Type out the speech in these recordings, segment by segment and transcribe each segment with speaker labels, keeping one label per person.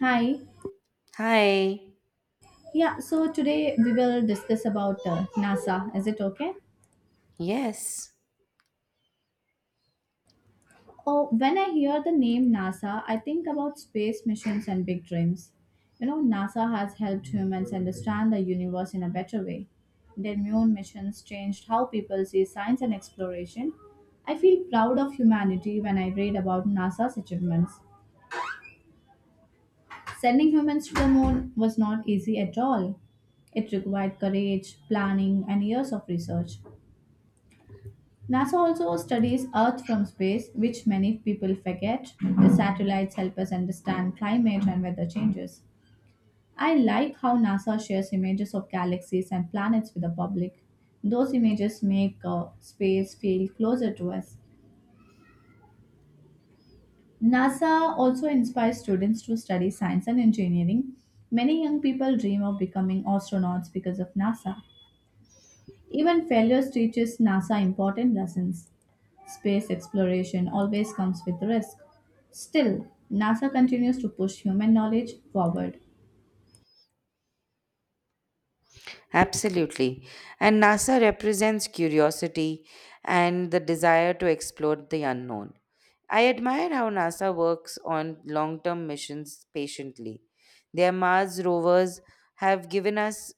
Speaker 1: Hi.
Speaker 2: Hi.
Speaker 1: Yeah, so today we will discuss about NASA. Is it okay?
Speaker 2: Yes,
Speaker 1: Oh, when I hear the name NASA, I think about space missions and big dreams. You know, NASA has helped humans understand the universe in a better way. Their moon missions changed how people see science and exploration. I feel proud of humanity when I read about NASA's achievements. Sending humans to the moon was not easy at all. It required courage, planning, and years of research. NASA also studies Earth from space, which many people forget. The satellites help us understand climate and weather changes. I like how NASA shares images of galaxies and planets with the public. Those images make space feel closer to us. NASA also inspires students to study science and engineering. Many young people dream of becoming astronauts because of NASA. Even failures teaches NASA important lessons. Space exploration always comes with risk. Still, NASA continues to push human knowledge forward.
Speaker 2: absolutely. And NASA represents curiosity and the desire to explore the unknown. I admire how NASA works on long term missions patiently. Their Mars rovers have given us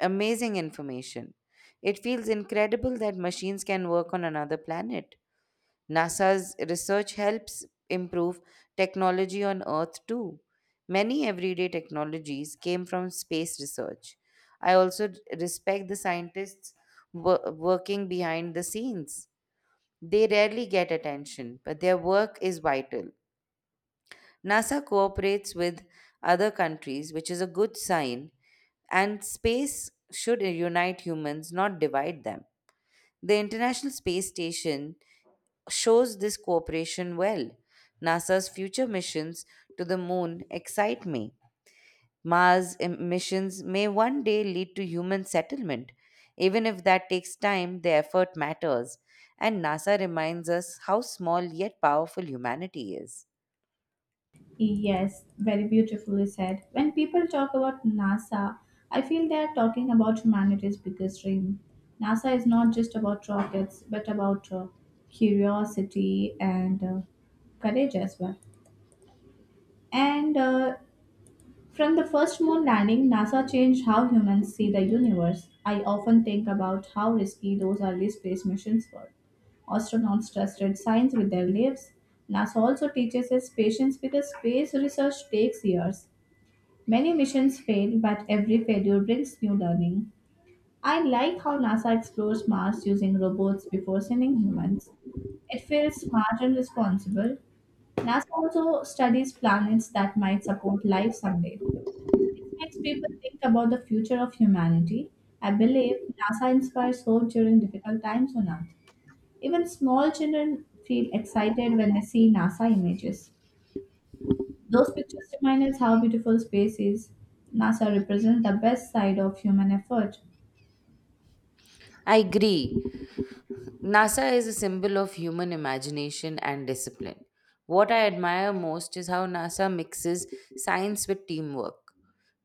Speaker 2: amazing information. It feels incredible that machines can work on another planet. NASA's research helps improve technology on Earth too. Many everyday technologies came from space research. I also respect the scientists working behind the scenes. They rarely get attention, but their work is vital. NASA cooperates with other countries, which is a good sign, and space should unite humans, not divide them. The International Space Station shows this cooperation well. NASA's future missions to the moon excite me. Mars missions may one day lead to human settlement. Even if that takes time, the effort matters. And NASA reminds us how small yet powerful humanity is.
Speaker 1: Yes, very beautifully said. When people talk about NASA, I feel they are talking about humanity's biggest dream. NASA is not just about rockets, but about curiosity and courage as well. And From the first moon landing, NASA changed how humans see the universe. I often think about how risky those early space missions were. Astronauts trusted science with their lives. NASA also teaches us patience because space research takes years. Many missions fail, but every failure brings new learning. I like how NASA explores Mars using robots before sending humans. It feels smart and responsible. NASA also studies planets that might support life someday makes people think about the future of humanity. I believe NASA inspires hope during difficult times on Earth. Even small children feel excited when they see NASA images. Those pictures remind us how beautiful space is. NASA represents the best side of human effort.
Speaker 2: I agree. NASA is a symbol of human imagination and discipline. What I admire most is how NASA mixes science with teamwork.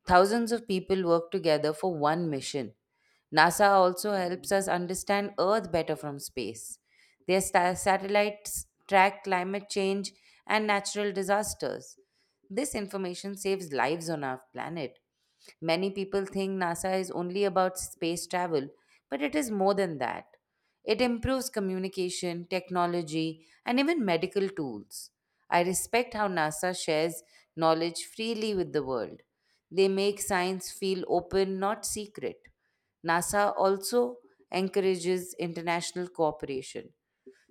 Speaker 2: Thousands of people work together for one mission. NASA also helps us understand Earth better from space. Their satellites track climate change and natural disasters. This information saves lives on our planet. Many people think NASA is only about space travel, but it is more than that. It improves communication, technology, and even medical tools. I respect how NASA shares knowledge freely with the world. They make science feel open, not secret. NASA also encourages international cooperation.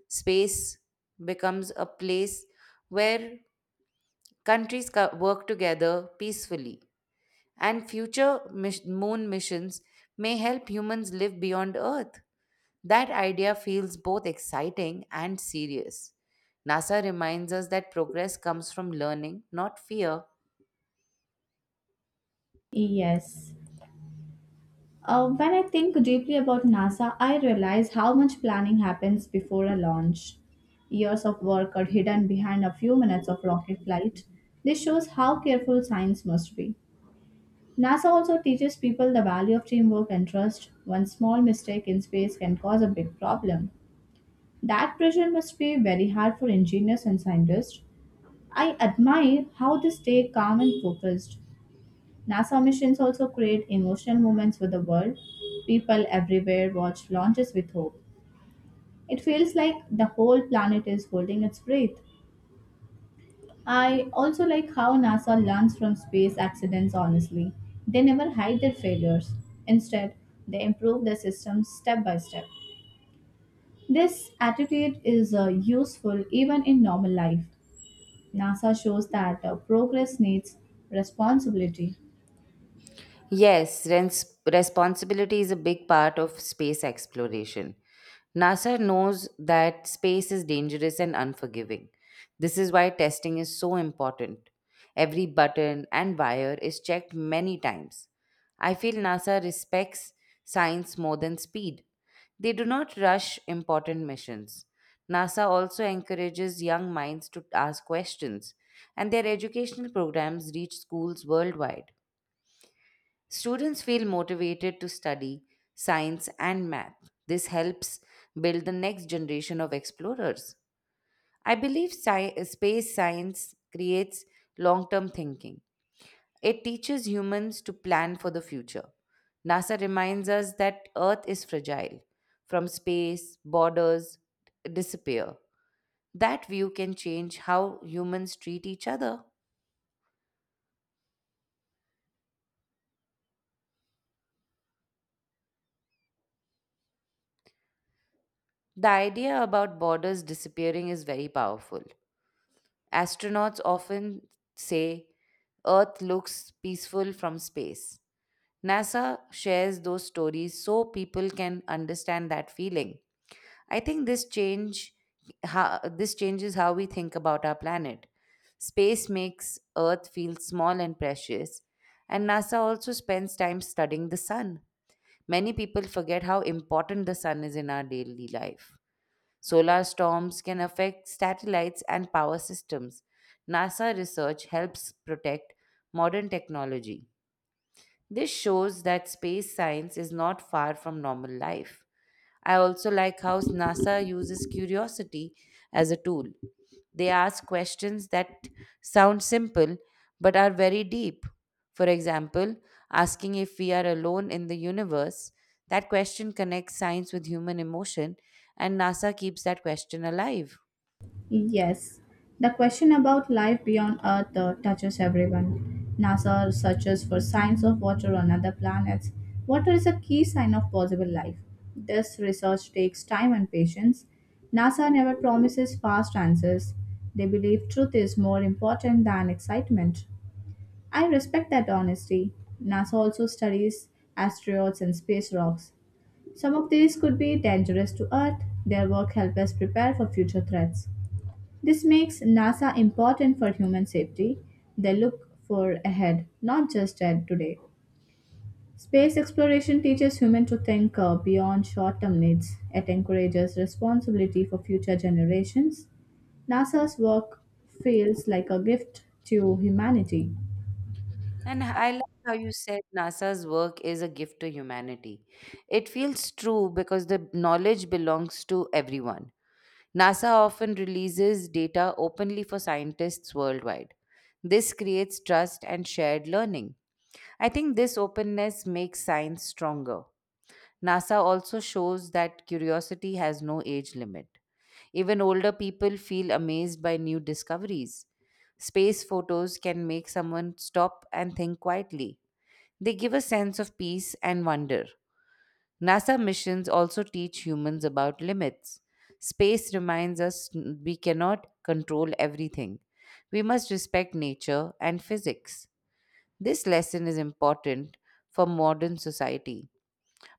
Speaker 2: Space becomes a place where countries work together peacefully, and future moon missions may help humans live beyond Earth. That idea feels both exciting and serious. NASA reminds us that progress comes from learning, not fear.
Speaker 1: Yes. When I think deeply about NASA, I realize how much planning happens before a launch. Years of work are hidden behind a few minutes of rocket flight. This shows how careful science must be. NASA also teaches people the value of teamwork and trust. One small mistake in space can cause a big problem. That pressure must be very hard for engineers and scientists. I admire how they stay calm and focused. NASA missions also create emotional moments for the world. People everywhere watch launches with hope. It feels like the whole planet is holding its breath. I also like how NASA learns from space accidents honestly. They never hide their failures. Instead, they improve their systems step by step. This attitude is useful even in normal life. NASA shows that progress needs responsibility.
Speaker 2: Yes, responsibility is a big part of space exploration. NASA knows that space is dangerous and unforgiving. This is why testing is so important. Every button and wire is checked many times. I feel NASA respects science more than speed. They do not rush important missions. NASA also encourages young minds to ask questions, and their educational programs reach schools worldwide. Students feel motivated to study science and math. This helps build the next generation of explorers. I believe space science creates long term thinking. It teaches humans to plan for the future. NASA reminds us that Earth is fragile. From space, borders disappear. That view can change how humans treat each other. The idea about borders disappearing is very powerful. Astronauts often say Earth looks peaceful from space. NASA shares those stories so people can understand that feeling. I think this changes how we think about our planet. Space makes Earth feel small and precious, and NASA also spends time studying the sun. Many people forget how important the sun is in our daily life. Solar storms can affect satellites and power systems. NASA research helps protect modern technology. This shows that space science is not far from normal life. I also like how NASA uses curiosity as a tool. They ask questions that sound simple but are very deep. For example, asking if we are alone in the universe, that question connects science with human emotion, and NASA keeps that question alive.
Speaker 1: Yes, the question about life beyond Earth touches everyone. NASA searches for signs of water on other planets. Water is a key sign of possible life. This research takes time and patience. NASA never promises fast answers. They believe truth is more important than excitement. I respect that honesty. NASA also studies asteroids and space rocks. Some of these could be dangerous to Earth. Their work helps us prepare for future threats. This makes NASA important for human safety. They look for ahead, not just at today. Space exploration teaches humans to think beyond short term needs. It encourages responsibility for future generations. NASA's work feels like a gift to humanity.
Speaker 2: And I like how you said NASA's work is a gift to humanity. It feels true because the knowledge belongs to everyone. NASA often releases data openly for scientists worldwide. This creates trust and shared learning. I think this openness makes science stronger. NASA also shows that curiosity has no age limit. Even older people feel amazed by new discoveries. Space photos can make someone stop and think quietly. They give a sense of peace and wonder. NASA missions also teach humans about limits. Space reminds us we cannot control everything. We must respect nature and physics. This lesson is important for modern society.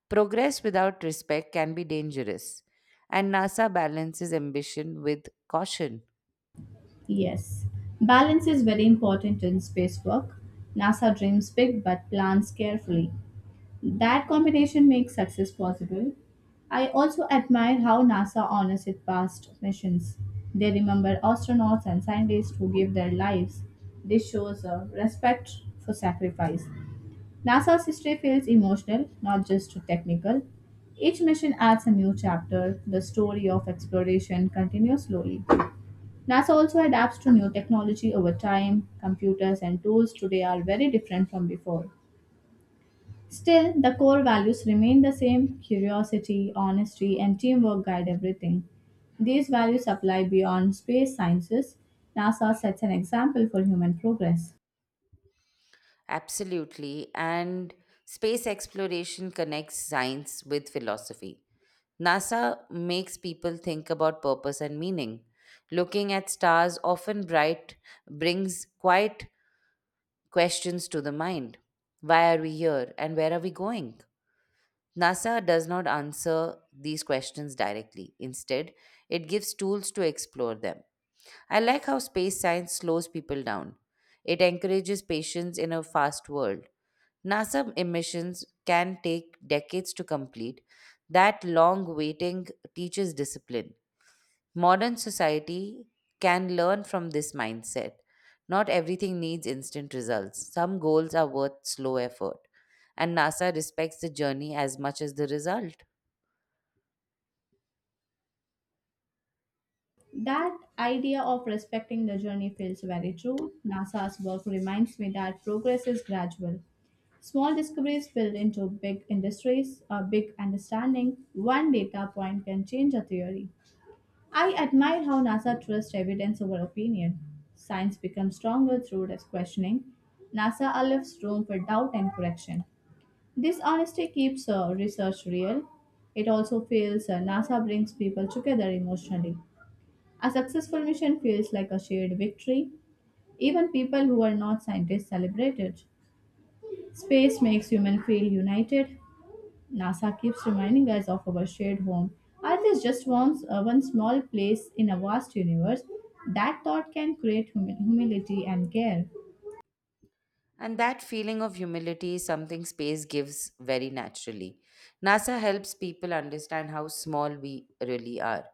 Speaker 2: Progress without respect can be dangerous, and NASA balances ambition with caution.
Speaker 1: Yes, balance is very important in space work. NASA dreams big but plans carefully. That combination makes success possible. I also admire how NASA honors its past missions. They remember astronauts and scientists who gave their lives. This shows a respect for sacrifice. NASA's history feels emotional, not just technical. Each mission adds a new chapter. The story of exploration continues slowly. NASA also adapts to new technology over time. Computers and tools today are very different from before. Still, the core values remain the same curiosity, honesty, and teamwork guide everything. These values apply beyond space sciences. NASA sets an example for human progress.
Speaker 2: Absolutely, and space exploration connects science with philosophy. NASA makes people think about purpose and meaning. Looking at stars, often bright, brings quiet questions to the mind. Why are we here and where are we going? NASA does not answer these questions directly. Instead, it gives tools to explore them. I like how space science slows people down. It encourages patience in a fast world. NASA missions can take decades to complete. That long waiting teaches discipline. Modern society can learn from this mindset. Not everything needs instant results. Some goals are worth slow effort. And NASA respects the journey as much as the result.
Speaker 1: That idea of respecting the journey feels very true. NASA's work reminds me that progress is gradual. Small discoveries build into big industries, a big understanding. One data point can change a theory. I admire how NASA trusts evidence over opinion. Science becomes stronger through this questioning. NASA allows room for doubt and correction. This honesty keeps research real. It also feels NASA brings people together emotionally. A successful mission feels like a shared victory. Even people who are not scientists celebrate it. Space makes humans feel united. NASA keeps reminding us of our shared home. Earth is just one small place in a vast universe. That thought can create humility and care.
Speaker 2: And that feeling of humility is something space gives very naturally. NASA helps people understand how small we really are.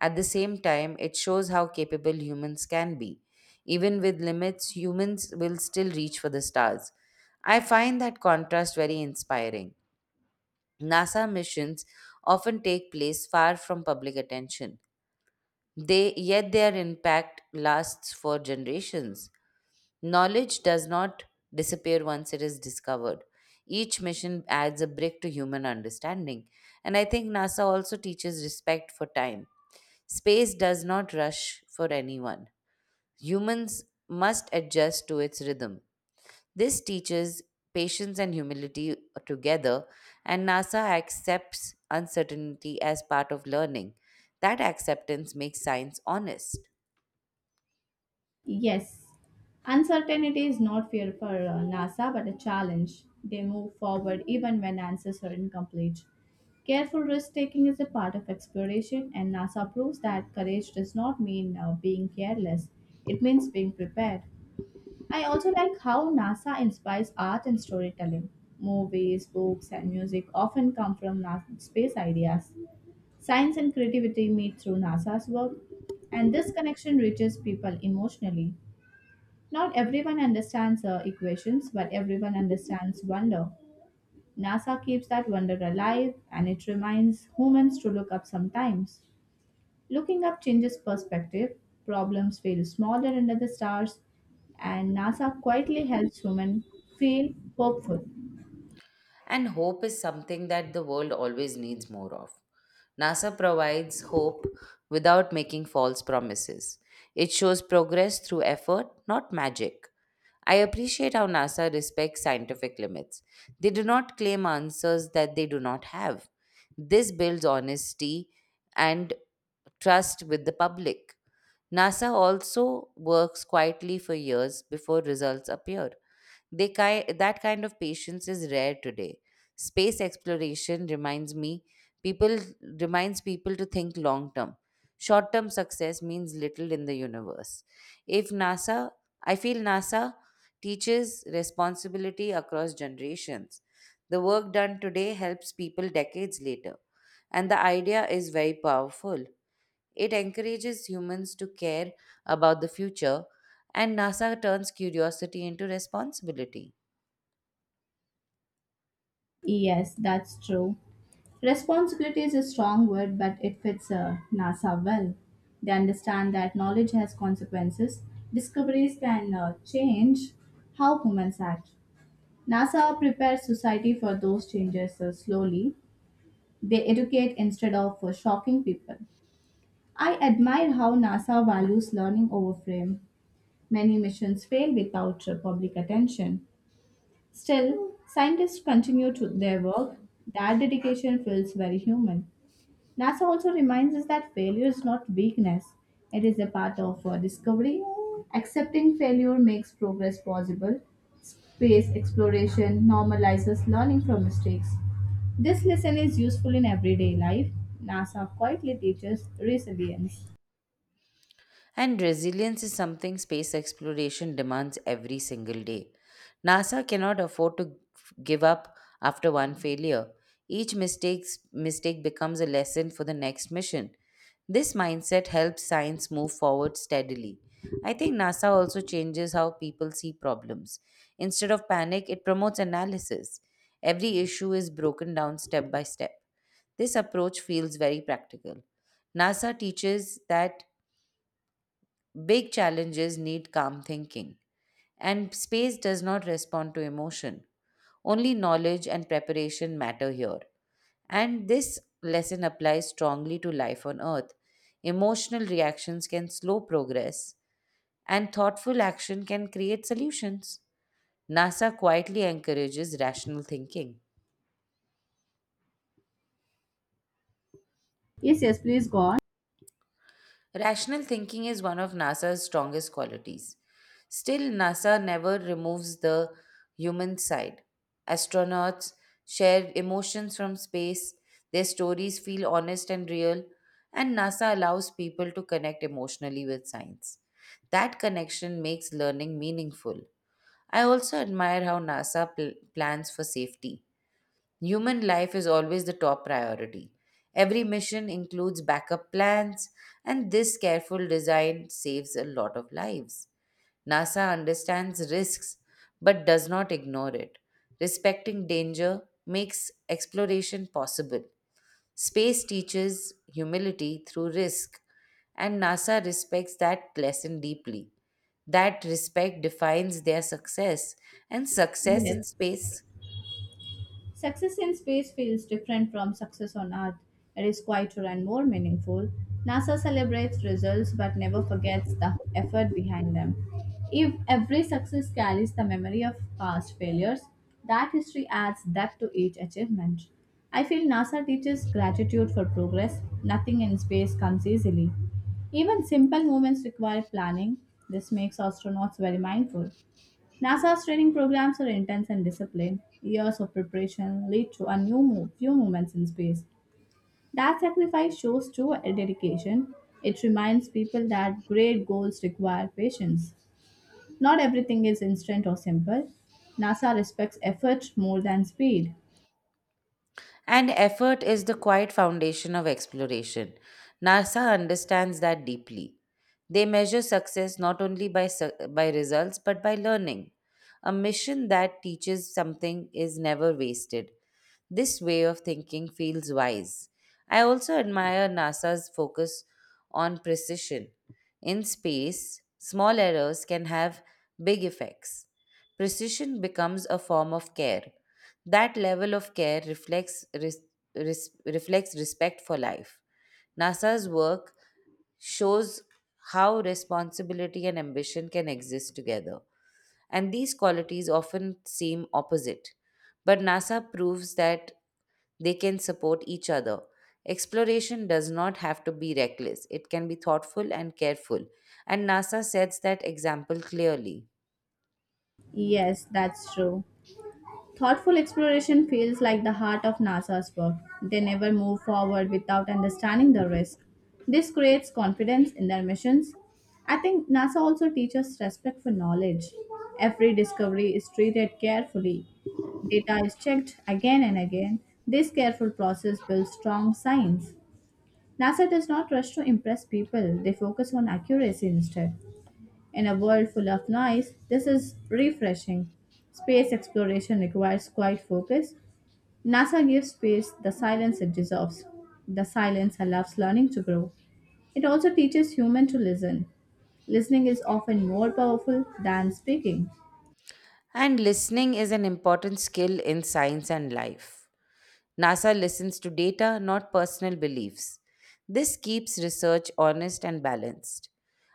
Speaker 2: At the same time, it shows how capable humans can be. Even with limits, humans will still reach for the stars. I find that contrast very inspiring. NASA missions often take place far from public attention. They yet their impact lasts for generations. Knowledge does not disappear once it is discovered. Each mission adds a brick to human understanding. And I think NASA also teaches respect for time. Space does not rush for anyone. Humans must adjust to its rhythm. This teaches patience and humility together, and NASA accepts uncertainty as part of learning. That acceptance makes science honest.
Speaker 1: Yes, uncertainty is not fear for NASA but a challenge. They move forward even when answers are incomplete. Careful risk taking is a part of exploration, and NASA proves that courage does not mean being careless, it means being prepared. I also like how NASA inspires art and storytelling. Movies, books, and music often come from NASA space ideas. Science and creativity meet through NASA's work, and this connection reaches people emotionally. Not everyone understands equations, but everyone understands wonder. NASA keeps that wonder alive and it reminds humans to look up sometimes. Looking up changes perspective, problems feel smaller under the stars, and NASA quietly helps humans feel hopeful.
Speaker 2: And hope is something that the world always needs more of. NASA provides hope without making false promises. It shows progress through effort, not magic. I appreciate how NASA respects scientific limits. They do not claim answers that they do not have. This builds honesty and trust with the public. NASA also works quietly for years before results appear. That kind of patience is rare today. Space exploration people reminds people to think long term. Short term success means little in the universe. If NASA, I feel NASA teaches responsibility across generations. The work done today helps people decades later, and the idea is very powerful. It encourages humans to care about the future, and NASA turns curiosity into responsibility.
Speaker 1: Yes, that's true. Responsibility is a strong word, but it fits NASA well. They understand that knowledge has consequences. Discoveries can change how humans act. NASA prepares society for those changes slowly. They educate instead of shocking people. I admire how NASA values learning over fame. Many missions fail without public attention. Still, scientists continue to their work. That dedication feels very human. NASA also reminds us that failure is not weakness, it is a part of discovery. Accepting failure makes progress possible. Space exploration normalizes learning from mistakes. This lesson is useful in everyday life. NASA quietly teaches resilience.
Speaker 2: And resilience is something space exploration demands every single day. NASA cannot afford to give up after one failure. Each mistake becomes a lesson for the next mission. This mindset helps science move forward steadily. I think NASA also changes how people see problems. Instead of panic, it promotes analysis. Every issue is broken down step by step. This approach feels very practical. NASA teaches that big challenges need calm thinking, and space does not respond to emotion. Only knowledge and preparation matter here. And this lesson applies strongly to life on Earth. Emotional reactions can slow progress, and thoughtful action can create solutions. NASA quietly encourages rational thinking.
Speaker 1: Yes, yes, please go on.
Speaker 2: Rational thinking is one of NASA's strongest qualities. Still, NASA never removes the human side. Astronauts share emotions from space, their stories feel honest and real, and NASA allows people to connect emotionally with science. That connection makes learning meaningful. I also admire how NASA plans for safety. Human life is always the top priority. Every mission includes backup plans, and this careful design saves a lot of lives. NASA understands risks but does not ignore it. Respecting danger makes exploration possible. Space teaches humility through risk, and NASA respects that lesson deeply. That respect defines their success, and success in
Speaker 1: Yes.
Speaker 2: space.
Speaker 1: Success in space feels different from success on Earth. It is quieter and more meaningful. NASA celebrates results but never forgets the effort behind them. If every success carries the memory of past failures, that history adds depth to each achievement. I feel NASA teaches gratitude for progress. Nothing in space comes easily. Even simple movements require planning. This makes astronauts very mindful. NASA's training programs are intense and disciplined. Years of preparation lead to a few moments in space. That sacrifice shows true dedication. It reminds people that great goals require patience. Not everything is instant or simple. NASA respects effort more than speed.
Speaker 2: And effort is the quiet foundation of exploration. NASA understands that deeply. They measure success not only by results but by learning. A mission that teaches something is never wasted. This way of thinking feels wise. I also admire NASA's focus on precision. In space, small errors can have big effects. Precision becomes a form of care. That level of care reflects respect for life. NASA's work shows how responsibility and ambition can exist together. And these qualities often seem opposite. But NASA proves that they can support each other. Exploration does not have to be reckless, it can be thoughtful and careful. And NASA sets that example clearly.
Speaker 1: Yes, that's true. Thoughtful exploration feels like the heart of NASA's work. They never move forward without understanding the risk. This creates confidence in their missions. I think NASA also teaches respect for knowledge. Every discovery is treated carefully. Data is checked again and again. This careful process builds strong science. NASA does not rush to impress people, they focus on accuracy instead. In a world full of noise, this is refreshing. Space exploration requires quiet focus. NASA gives space the silence it deserves. The silence allows learning to grow. It also teaches humans to listen. Listening is often more powerful than speaking.
Speaker 2: And listening is an important skill in science and life. NASA listens to data, not personal beliefs. This keeps research honest and balanced.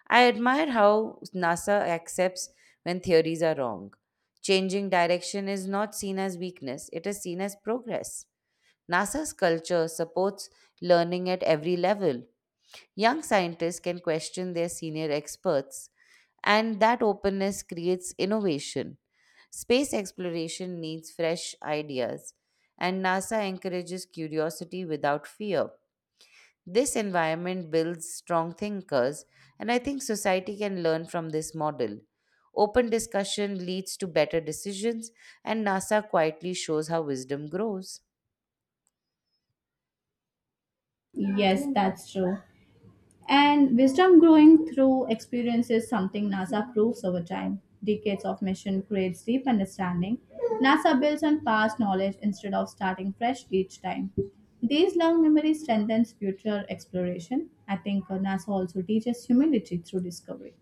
Speaker 2: I admire how NASA accepts when theories are wrong. Changing direction is not seen as weakness, it is seen as progress. NASA's culture supports learning at every level. Young scientists can question their senior experts, and that openness creates innovation. Space exploration needs fresh ideas, and NASA encourages curiosity without fear. This environment builds strong thinkers, and I think society can learn from this model. Open discussion leads to better decisions, and NASA quietly shows how wisdom grows.
Speaker 1: Yes, that's true. And wisdom growing through experience is something NASA proves over time. Decades of mission creates deep understanding. NASA builds on past knowledge instead of starting fresh each time. These long memories strengthens future exploration. I think NASA also teaches humility through discovery.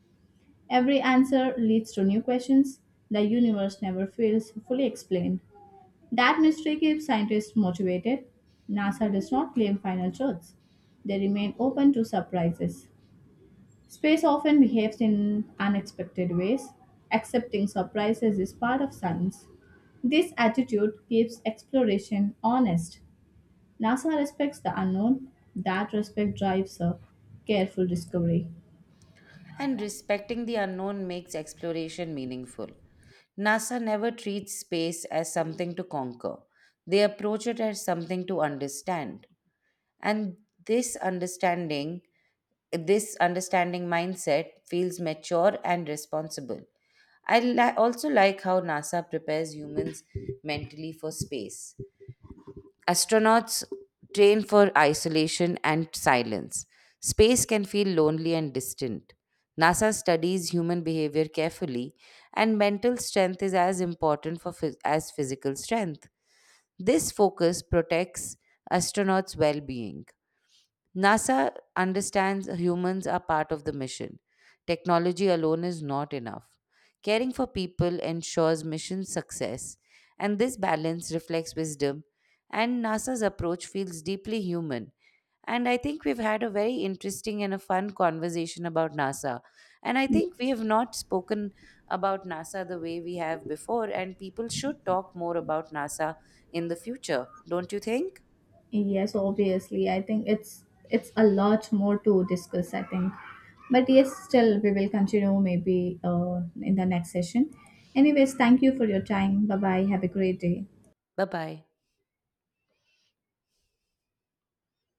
Speaker 1: Every answer leads to new questions. The universe never feels fully explained. That mystery keeps scientists motivated. NASA does not claim final truths. They remain open to surprises. Space often behaves in unexpected ways. Accepting surprises is part of science. This attitude keeps exploration honest. NASA respects the unknown. That respect drives a careful discovery.
Speaker 2: And respecting the unknown makes exploration meaningful. NASA never treats space as something to conquer, they approach it as something to understand, and this understanding this understanding mindset feels mature and responsible. I also like how NASA prepares humans mentally for space. Astronauts train for isolation and silence. Space can feel lonely and distant. NASA studies human behavior carefully, and mental strength is as important as physical strength. This focus protects astronauts' well-being. NASA understands humans are part of the mission. Technology alone is not enough. Caring for people ensures mission success, and this balance reflects wisdom. And NASA's approach feels deeply human. And I think we've had a very interesting and a fun conversation about NASA. And I think we have not spoken about NASA the way we have before, and people should talk more about NASA in the future, don't you think?
Speaker 1: Yes, obviously. I think it's a lot more to discuss, I think. But yes, still we will continue maybe in the next session. Anyways, thank you for your time. Bye bye. Have a great day.
Speaker 2: Bye bye.